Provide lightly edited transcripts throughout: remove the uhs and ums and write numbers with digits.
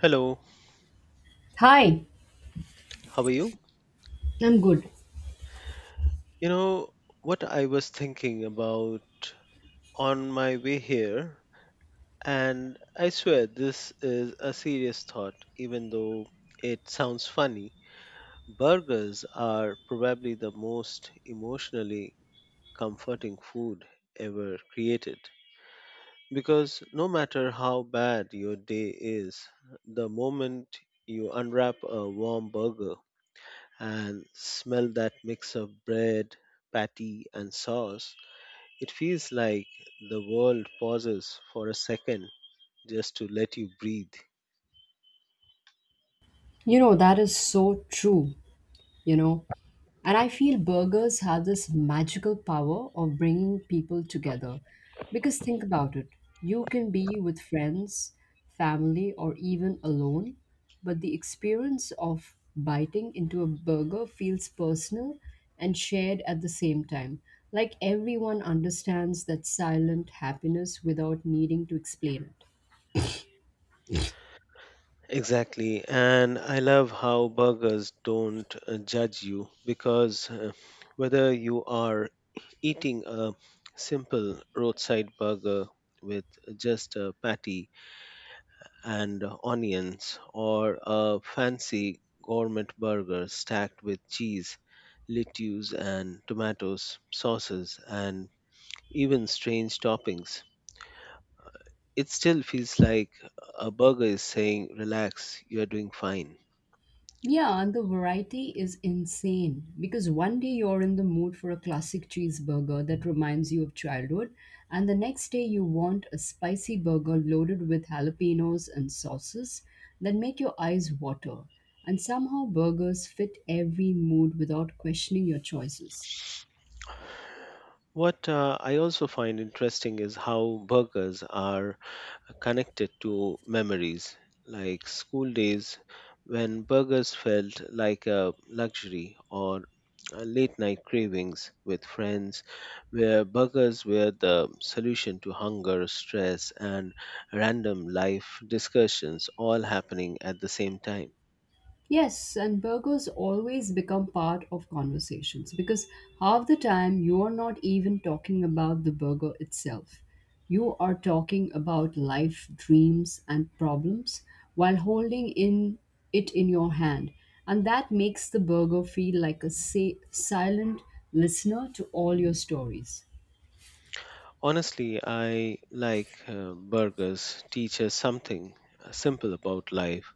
Hello, Hi, how are you? I'm good. You know what I was thinking about on my way here, and I swear this is a serious thought, even though it sounds funny. Burgers are probably the most emotionally comforting food ever created because no matter how bad your day is, the moment you unwrap a warm burger, and smell that mix of bread, patty, and sauce, it feels like the world pauses for a second just to let you breathe. That is so true, you know. And I feel burgers have this magical power of bringing people together. Because think about it, you can be with friends, family, or even alone, but the experience of biting into a burger feels personal and shared at the same time. Like everyone understands that silent happiness without needing to explain it. Exactly, and I love how burgers don't judge you because whether you are eating a simple roadside burger with just a patty and onions, or a fancy gourmet burger stacked with cheese, lettuce, and tomatoes, sauces, and even strange toppings. It still feels like a burger is saying, "Relax, you're doing fine." Yeah, and the variety is insane because one day you're in the mood for a classic cheeseburger that reminds you of childhood, and the next day you want a spicy burger loaded with jalapenos and sauces that make your eyes water. And somehow burgers fit every mood without questioning your choices. What I also find interesting is how burgers are connected to memories, like school days when burgers felt like a luxury, or late night cravings with friends where burgers were the solution to hunger, stress, and random life discussions all happening at the same time. Yes, and burgers always become part of conversations because half the time you're not even talking about the burger itself. You are talking about life, dreams, and problems while holding in it in your hand. And that makes the burger feel like a silent listener to all your stories. Honestly, I like burgers teach us something simple about life,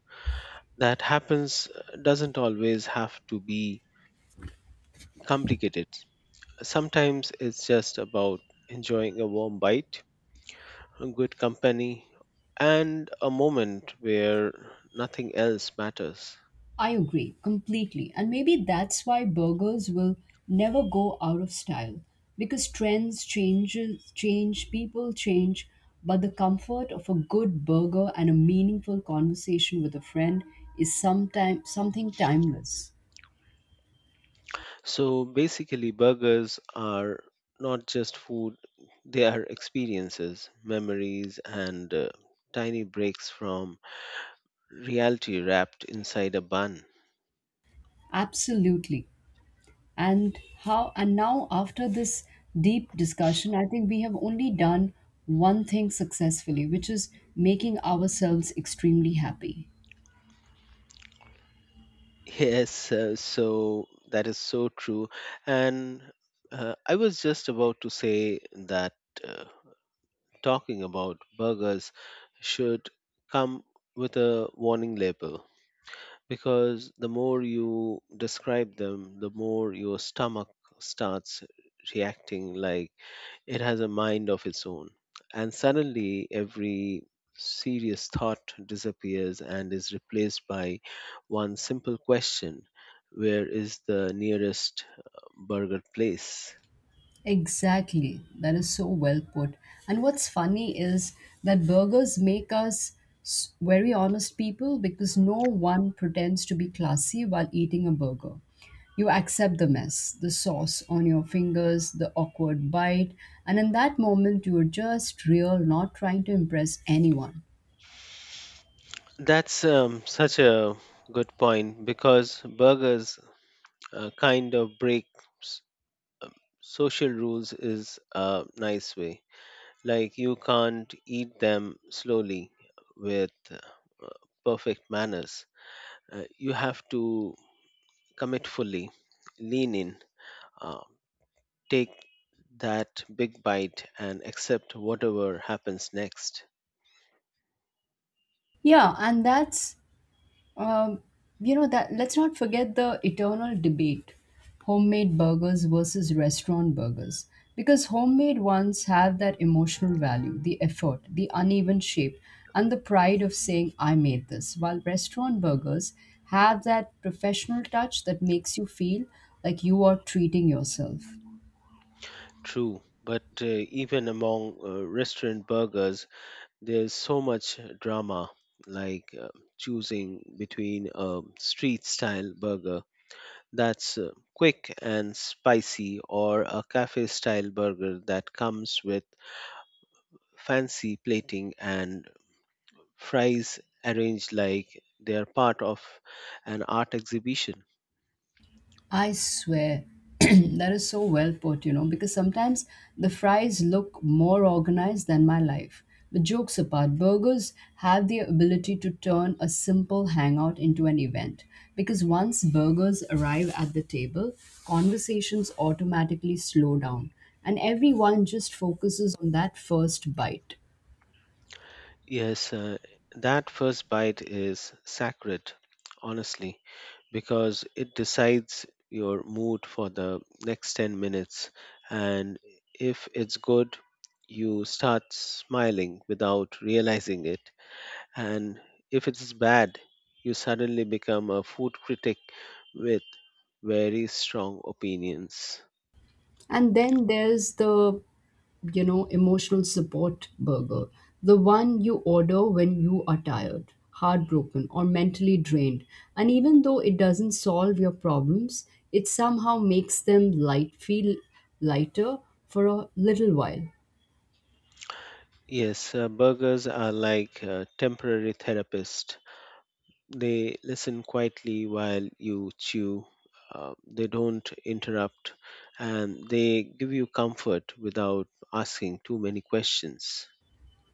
that happens, doesn't always have to be complicated. Sometimes it's just about enjoying a warm bite, a good company, and a moment where nothing else matters. I agree completely. And maybe that's why burgers will never go out of style, because trends change, people change, but the comfort of a good burger and a meaningful conversation with a friend is sometime something timeless. So basically, burgers are not just food, they are experiences, memories, and tiny breaks from reality wrapped inside a bun. Absolutely. And how and now, after this deep discussion, I think we have only done one thing successfully, which is making ourselves extremely happy. Yes, so that is so true. And I was just about to say that. Uh, Talking about burgers should come with a warning label, because the more you describe them, the more your stomach starts reacting like it has a mind of its own. And suddenly, every serious thought disappears and is replaced by one simple question: where is the nearest burger place? Exactly. That is so well put. And what's funny is that burgers make us very honest people, because no one pretends to be classy while eating a burger. You accept the mess, the sauce on your fingers, the awkward bite, and in that moment, you're just real, not trying to impress anyone. That's such a good point, because burgers kind of breaks um, social rules is a nice way. Like you can't eat them slowly with perfect manners. You have to commit fully, lean in, uh, take that big bite and accept whatever happens next. Yeah, and that's Um, you know that let's not forget the eternal debate: homemade burgers versus restaurant burgers. Because homemade ones have that emotional value, the effort, the uneven shape, and the pride of saying, "I made this," while restaurant burgers have that professional touch that makes you feel like you are treating yourself. True, but even among restaurant burgers, there's so much drama, like choosing between a street style burger that's quick and spicy, or a cafe style burger that comes with fancy plating and fries arranged like they're part of an art exhibition. I swear, that is so well put, because sometimes the fries look more organized than my life. But jokes apart, burgers have the ability to turn a simple hangout into an event. Because once burgers arrive at the table, conversations automatically slow down, and everyone just focuses on that first bite. Yes, that first bite is sacred, honestly, because it decides your mood for the next 10 minutes. And if it's good, you start smiling without realizing it. And if it's bad, you suddenly become a food critic with very strong opinions. And then there's the emotional support burger, the one you order when you are tired, heartbroken, or mentally drained. And even though it doesn't solve your problems, it somehow makes them light feel lighter for a little while. Yes, burgers are like temporary therapists. They listen quietly while you chew, they don't interrupt, and they give you comfort without asking too many questions.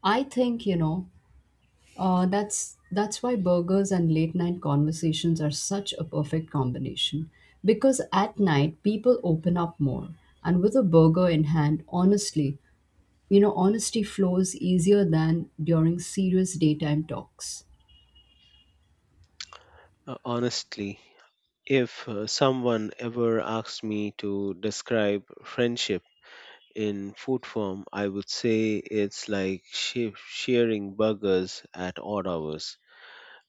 I think that's why burgers and late night conversations are such a perfect combination, because at night people open up more, and with a burger in hand, honestly, honesty flows easier than during serious daytime talks. Honestly, if someone ever asked me to describe friendship in food form, I would say it's like sharing burgers at odd hours,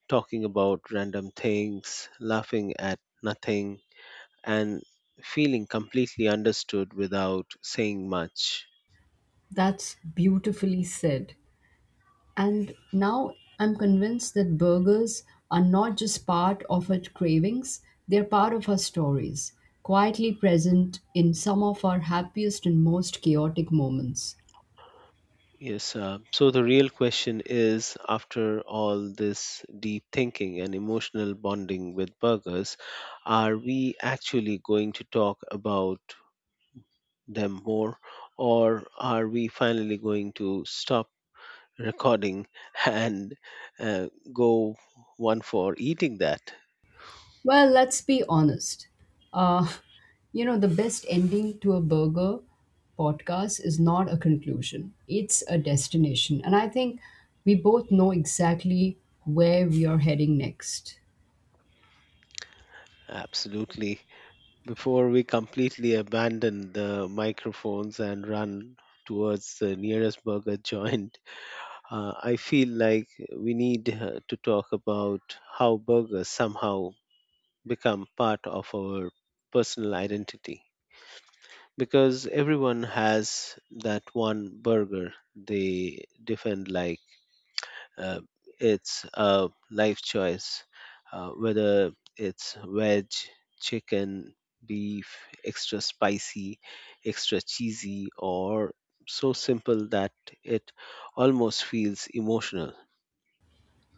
talking about random things, laughing at nothing, and feeling completely understood without saying much. That's beautifully said. And now I'm convinced that burgers are not just part of our cravings, they're part of our stories, quietly present in some of our happiest and most chaotic moments. Yes, so the real question is, after all this deep thinking and emotional bonding with burgers, are we actually going to talk about them more, or are we finally going to stop recording and go one for eating that? Well, let's be honest. Uh, the best ending to a burger podcast is not a conclusion, it's a destination. And I think we both know exactly where we are heading next. Absolutely. Before we completely abandon the microphones and run towards the nearest burger joint, I feel like we need to talk about how burgers somehow become part of our personal identity, because everyone has that one burger they defend like uh, it's a life choice, whether it's veg, chicken, beef, extra spicy, extra cheesy, or so simple that it almost feels emotional.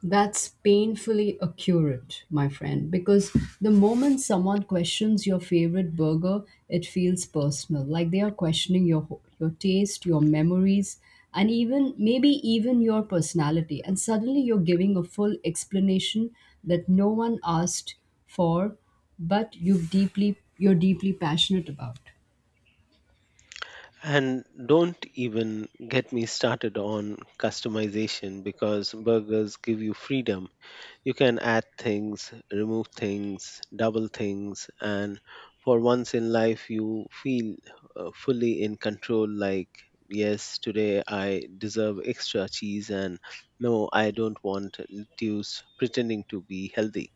That's painfully accurate, my friend, because the moment someone questions your favorite burger, it feels personal, like they are questioning your taste, your memories, and even maybe even your personality. And suddenly you're giving a full explanation that no one asked for, but you're deeply passionate about. And don't even get me started on customization, because burgers give you freedom. You can add things, remove things, double things, and for once in life, you feel fully in control. Like, yes, today I deserve extra cheese, and no, I don't want lettuce pretending to be healthy.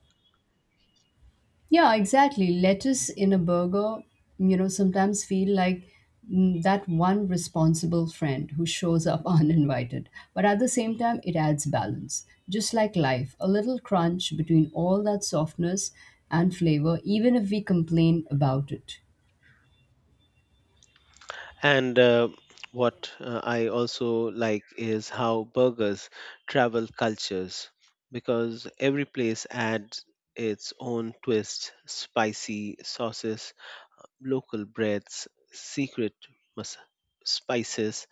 Yeah, exactly. Lettuce in a burger, sometimes feel like that one responsible friend who shows up uninvited. But at the same time, it adds balance. Just like life, a little crunch between all that softness and flavor, even if we complain about it. And what I also like is how burgers travel cultures, because every place adds its own twist: spicy sauces, local breads, secret mas- spices,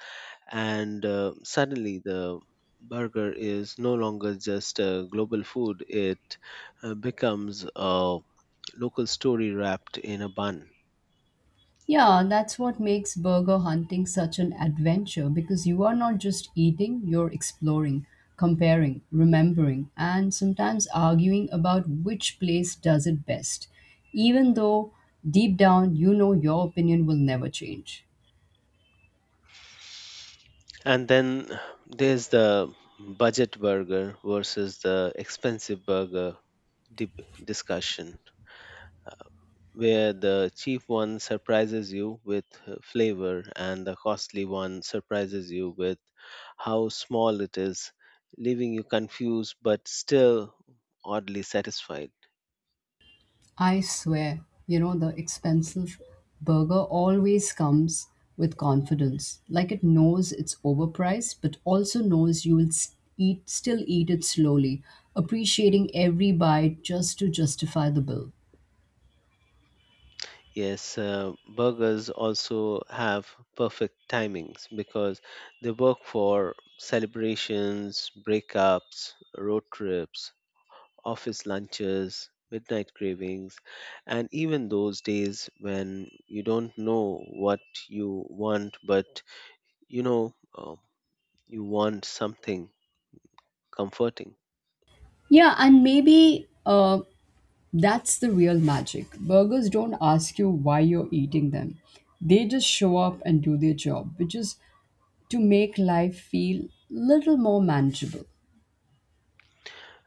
and suddenly the burger is no longer just a global food, it becomes a local story wrapped in a bun. Yeah, that's what makes burger hunting such an adventure, because you are not just eating, you're exploring, comparing, remembering, and sometimes arguing about which place does it best, even though deep down you know your opinion will never change. And then there's the budget burger versus the expensive burger dip discussion, where the cheap one surprises you with flavor and the costly one surprises you with how small it is, leaving you confused but still oddly satisfied. I swear, the expensive burger always comes with confidence. Like it knows it's overpriced, but also knows you will still eat it slowly, appreciating every bite just to justify the bill. Yes, burgers also have perfect timings, because they work for celebrations, breakups, road trips, office lunches, midnight cravings, and even those days when you don't know what you want, but you know you want something comforting. Yeah, and maybe that's the real magic. Burgers don't ask you why you're eating them, they just show up and do their job, which is to make life feel little more manageable.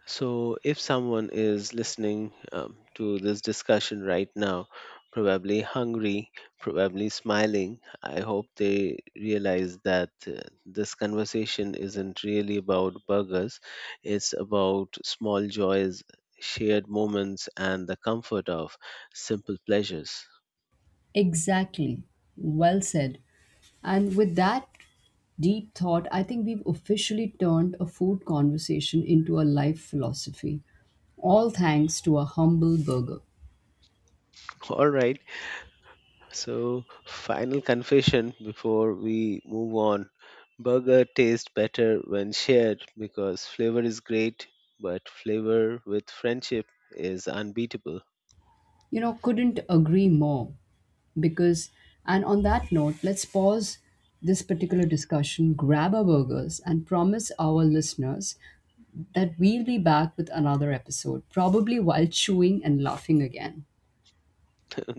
So, if someone is listening to this discussion right now, probably hungry, probably smiling, I hope they realize that this conversation isn't really about burgers. It's about small joys, shared moments, and the comfort of simple pleasures. Exactly. Well said. And with that deep thought, I think we've officially turned a food conversation into a life philosophy, all thanks to a humble burger. All right. So, final confession before we move on. Burger tastes better when shared, because flavor is great, but flavor with friendship is unbeatable. Couldn't agree more because, and on that note, let's pause this particular discussion, grab our burgers, and promise our listeners that we'll be back with another episode, probably while chewing and laughing again.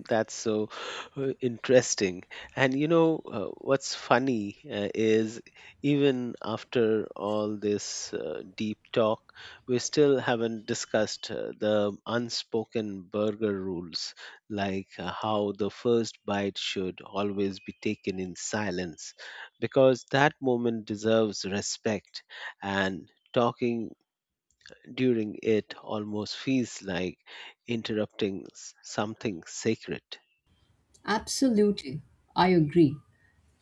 That's so interesting. And you know, what's funny is even after all this deep talk, we still haven't discussed the unspoken burger rules, like how the first bite should always be taken in silence, because that moment deserves respect, and talking during it almost feels like interrupting something sacred. Absolutely, I agree.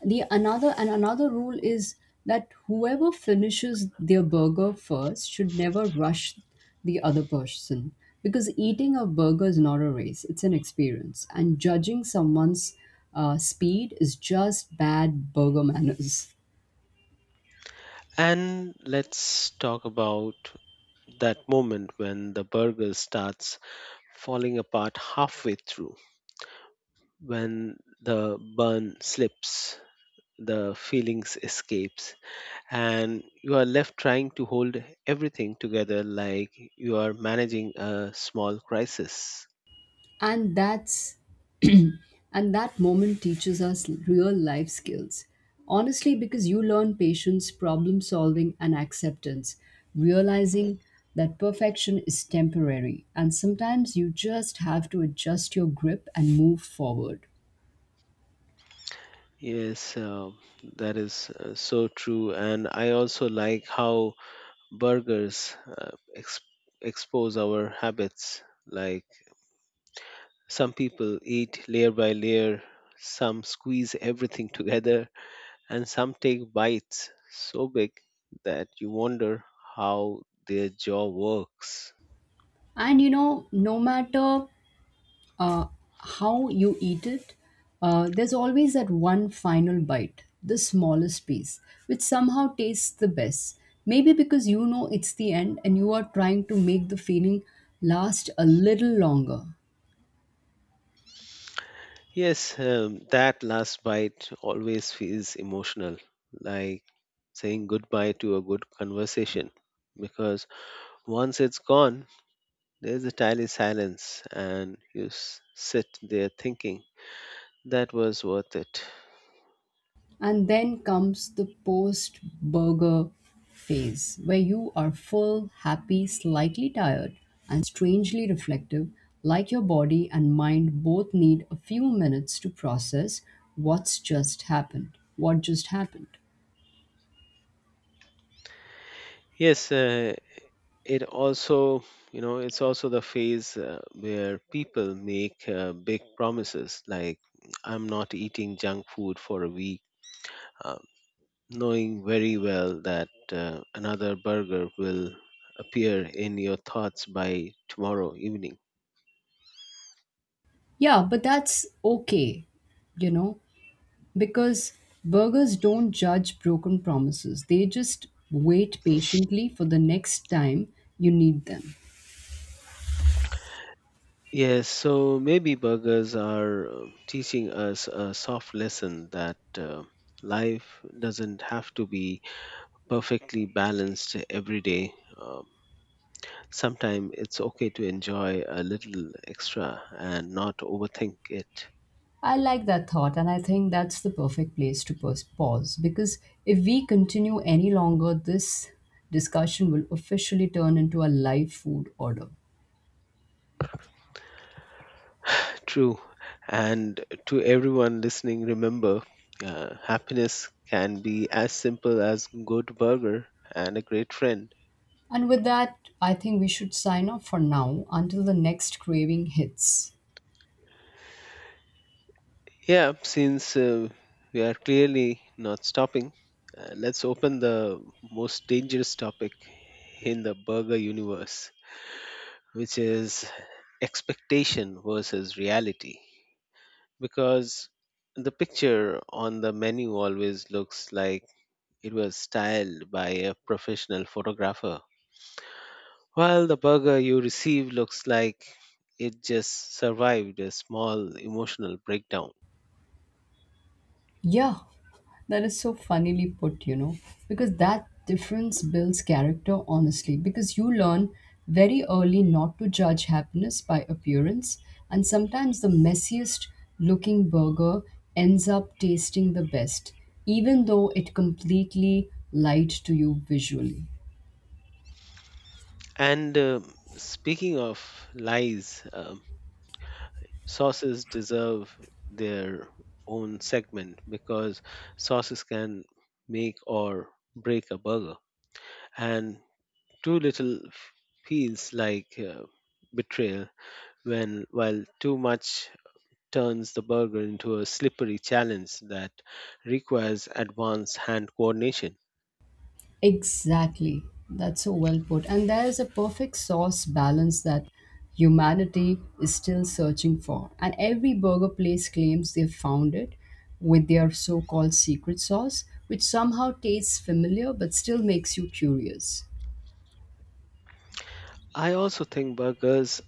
The another and another rule is that whoever finishes their burger first should never rush the other person, because eating a burger is not a race, it's an experience, and judging someone's speed is just bad burger manners. And let's talk about that moment when the burger starts falling apart halfway through, when the bun slips, the feelings escapes, and you are left trying to hold everything together like you are managing a small crisis. And that's And that moment teaches us real life skills. Honestly, because you learn patience, problem solving, and acceptance, realizing that perfection is temporary. And sometimes you just have to adjust your grip and move forward. Yes, that is so true. And I also like how burgers expose our habits, like some people eat layer by layer, some squeeze everything together, and some take bites so big that you wonder how their jaw works. And no matter uh, how you eat it, there's always that one final bite, the smallest piece, which somehow tastes the best. Maybe because you know it's the end and you are trying to make the feeling last a little longer. Yes, that last bite always feels emotional, like saying goodbye to a good conversation. Because once it's gone, there's a tiny silence, and you sit there thinking, that was worth it. And then comes the post burger phase, where you are full, happy, slightly tired, and strangely reflective, like your body and mind both need a few minutes to process what's just happened. What just happened. Yes, it also, you know, it's also the phase where people make big promises like, I'm not eating junk food for a week, uh, knowing very well that another burger will appear in your thoughts by tomorrow evening. Yeah, but that's okay, you know, because burgers don't judge broken promises, they just wait patiently for the next time you need them. Yes, so maybe burgers are teaching us a soft lesson that life doesn't have to be perfectly balanced every day. um, Sometimes it's okay to enjoy a little extra and not overthink it. I like that thought, and I think that's the perfect place to pause, because if we continue any longer, this discussion will officially turn into a live food order. True. And to everyone listening, remember, happiness can be as simple as good burger and a great friend. And with that, I think we should sign off for now until the next craving hits. Yeah, since we are clearly not stopping, let's open the most dangerous topic in the burger universe, which is expectation versus reality, because the picture on the menu always looks like it was styled by a professional photographer, while the burger you receive looks like it just survived a small emotional breakdown. Yeah, that is so funnily put, because that difference builds character, honestly, because you learn very early not to judge happiness by appearance, and sometimes the messiest looking burger ends up tasting the best, even though it completely lied to you visually. And speaking of lies, sauces deserve their own segment, because sauces can make or break a burger. And too little feels like betrayal, when while too much turns the burger into a slippery challenge that requires advanced hand coordination. Exactly. That's so well put. And there's a perfect sauce balance that humanity is still searching for. And every burger place claims they've found it with their so called secret sauce, which somehow tastes familiar but still makes you curious. I also think burgers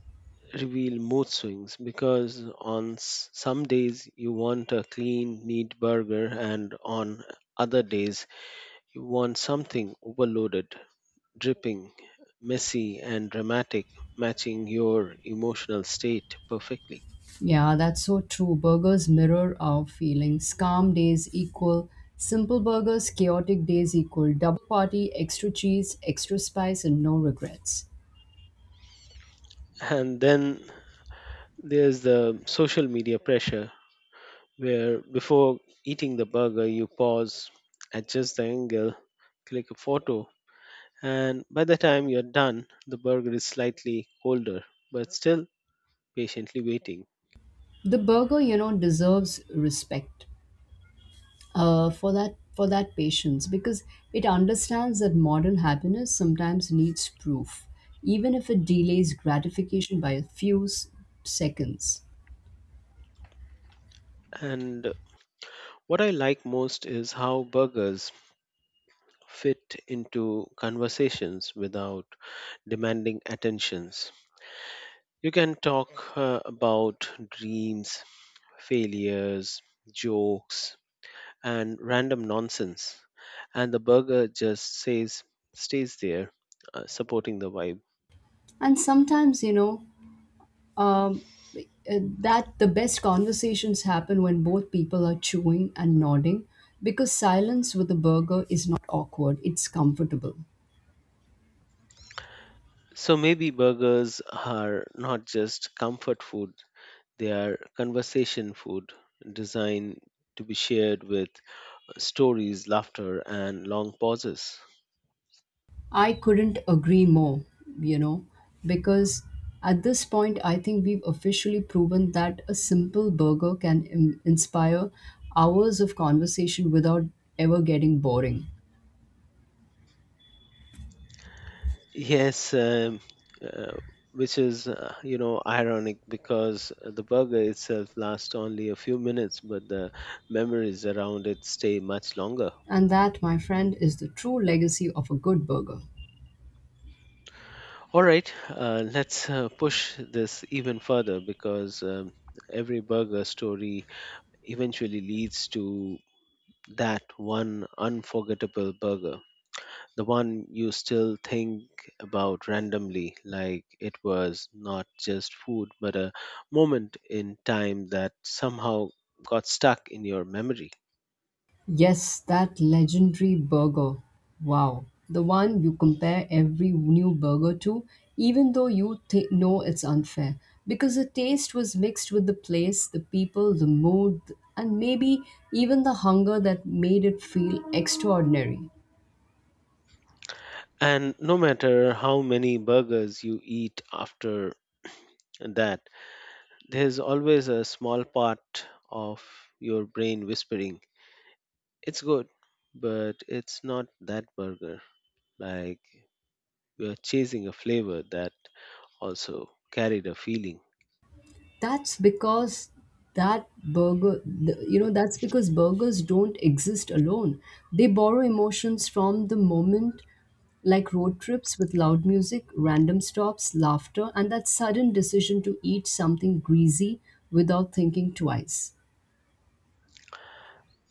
reveal mood swings, because on some days you want a clean, neat burger, and on other days you want something overloaded, dripping, messy, and dramatic, matching your emotional state perfectly. Yeah, that's so true. Burgers mirror our feelings. Calm days equal simple burgers, chaotic days equal double party, extra cheese, extra spice, and no regrets. And then there's the social media pressure, where before eating the burger, you pause, adjust the angle, click a photo, and by the time you're done, the burger is slightly colder, but still patiently waiting. The burger, deserves respect for that patience, because it understands that modern happiness sometimes needs proof, even if it delays gratification by a few seconds. And what I like most is how burgers fit into conversations without demanding attentions. You can talk about dreams, failures, jokes, and random nonsense. And the burger just says, stays there, supporting the vibe. And sometimes, um, that the best conversations happen when both people are chewing and nodding, because silence with a burger is not awkward, it's comfortable. So maybe burgers are not just comfort food, they are conversation food designed to be shared with stories, laughter, and long pauses. I couldn't agree more, you know, because at this point, I think we've officially proven that a simple burger can inspire hours of conversation without ever getting boring. Yes, uh, which is you know, ironic, because the burger itself lasts only a few minutes, but the memories around it stay much longer. And that, my friend, is the true legacy of a good burger. All right, let's push this even further, because every burger story eventually leads to that one unforgettable burger, the one you still think about randomly, like it was not just food, but a moment in time that somehow got stuck in your memory. Yes, that legendary burger. Wow. The one you compare every new burger to, even though you know it's unfair. Because the taste was mixed with the place, the people, the mood, and maybe even the hunger that made it feel extraordinary. And no matter how many burgers you eat after that, there's always a small part of your brain whispering, it's good, but it's not that burger. Like you're chasing a flavor that also carried a feeling. That's because that's because burgers don't exist alone. They borrow emotions from the moment, like road trips with loud music, random stops, laughter, and that sudden decision to eat something greasy without thinking twice.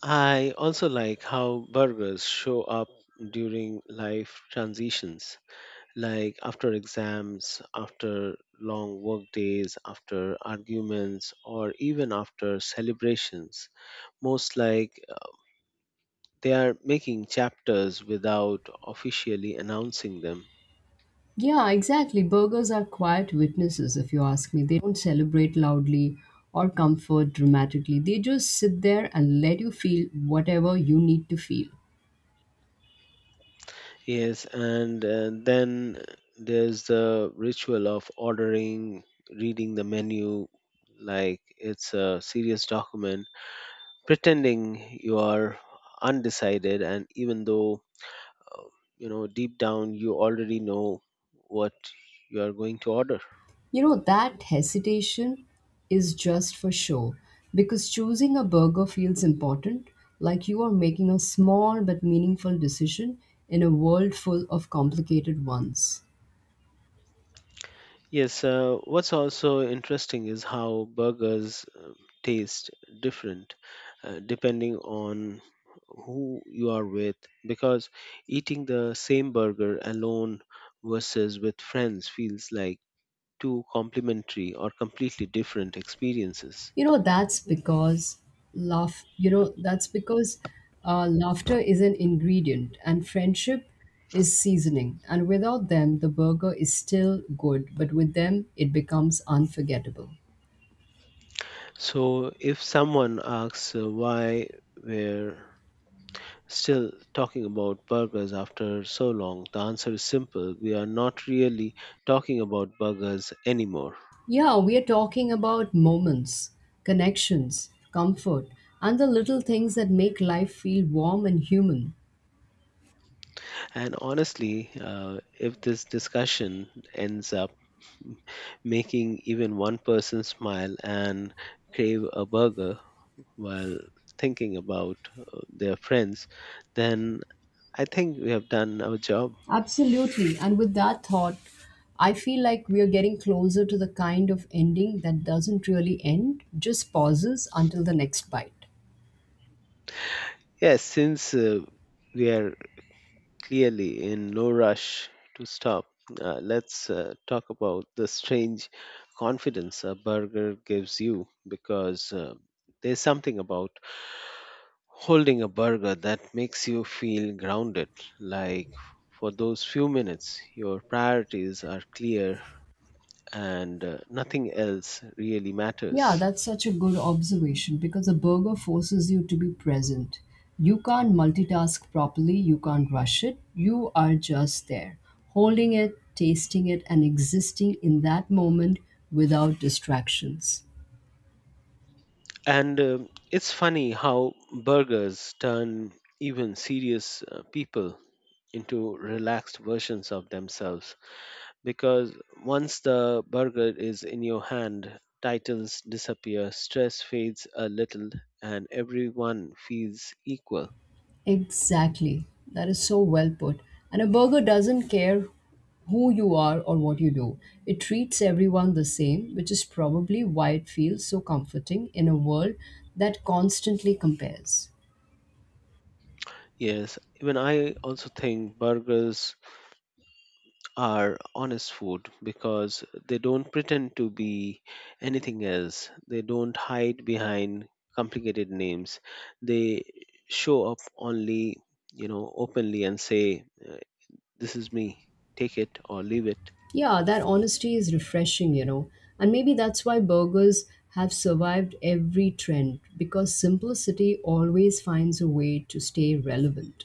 I also like how burgers show up during life transitions, like after exams, after long work days, after arguments, or even after celebrations. Most like, they are making chapters without officially announcing them. Yeah, exactly. Burgers are quiet witnesses, if you ask me. They don't celebrate loudly or comfort dramatically. They just sit there and let you feel whatever you need to feel. Yes, and then there's the ritual of ordering, reading the menu like it's a serious document, pretending you are undecided, and even though uh, you know deep down you already know what you are going to order. That hesitation is just for show, because choosing a burger feels important, like you are making a small but meaningful decision in a world full of complicated ones. Yes, what's also interesting is how burgers taste different depending on who you are with, because eating the same burger alone versus with friends feels like two complementary or completely different experiences. You know, that's because laugh, you know, that's because laughter is an ingredient and friendship is seasoning. And without them, the burger is still good, but with them, it becomes unforgettable. So, if someone asks why were still talking about burgers after so long, the answer is simple. We are not really talking about burgers anymore. Yeah, we are talking about moments, connections, comfort, and the little things that make life feel warm and human. And honestly, if this discussion ends up making even one person smile and crave a burger while thinking about their friends, then I think we have done our job. Absolutely. And with that thought, I feel like we are getting closer to the kind of ending that doesn't really end, just pauses until the next bite. Yes, since we are clearly in no rush to stop, let's talk about the strange confidence a burger gives you, because there's something about holding a burger that makes you feel grounded. Like for those few minutes, your priorities are clear and nothing else really matters. Yeah, that's such a good observation, because a burger forces you to be present. You can't multitask properly, you can't rush it, you are just there, holding it, tasting it, and existing in that moment without distractions. And it's funny how burgers turn even serious people into relaxed versions of themselves, because once the burger is in your hand, titles disappear, stress fades a little, and everyone feels equal. Exactly, that is so well put. And a burger doesn't care who you are or what you do, it treats everyone the same, which is probably why it feels so comforting in a world that constantly compares. Yes, even I also think burgers are honest food, because they don't pretend to be anything else. They don't hide behind complicated names. They show up only, you know, openly and say, this is me, take it or leave it. Yeah, that honesty is refreshing. And maybe that's why burgers have survived every trend, because simplicity always finds a way to stay relevant.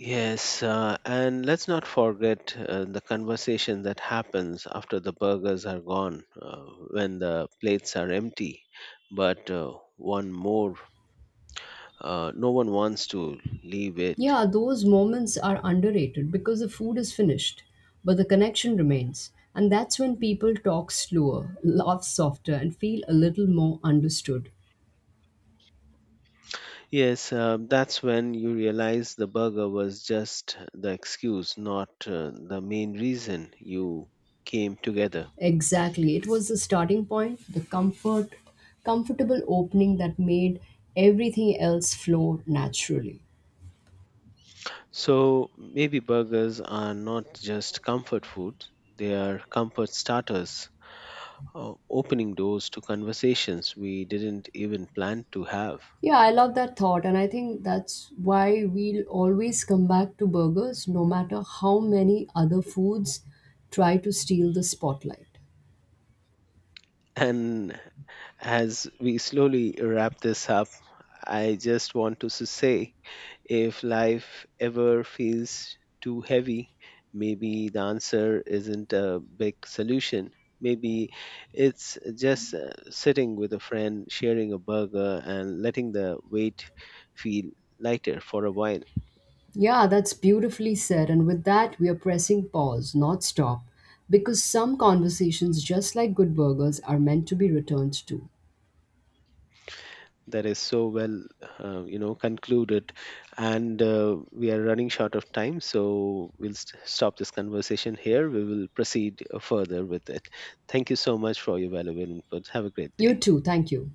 Yes, and let's not forget the conversation that happens after the burgers are gone, when the plates are empty, but one more. No one wants to leave it. Yeah, those moments are underrated, because the food is finished, but the connection remains. And that's when people talk slower, laugh softer, and feel a little more understood. Yes, that's when you realize the burger was just the excuse, not the main reason you came together. Exactly. It was the starting point, the comfortable opening that made everything else flow naturally. So maybe burgers are not just comfort food, they are comfort starters, opening doors to conversations we didn't even plan to have. Yeah, I love that thought, and I think that's why we'll always come back to burgers, no matter how many other foods try to steal the spotlight. And as we slowly wrap this up, I just want to say if life ever feels too heavy, maybe the answer isn't a big solution. Maybe it's just sitting with a friend, sharing a burger, and letting the weight feel lighter for a while. Yeah, that's beautifully said, and with that, we are pressing pause, not stop, because some conversations, just like good burgers, are meant to be returned to. That is so well you know, concluded, and we are running short of time, so we'll stop this conversation here. We will proceed further with it. Thank you so much for your valuable input. Have a great You day. too, thank you.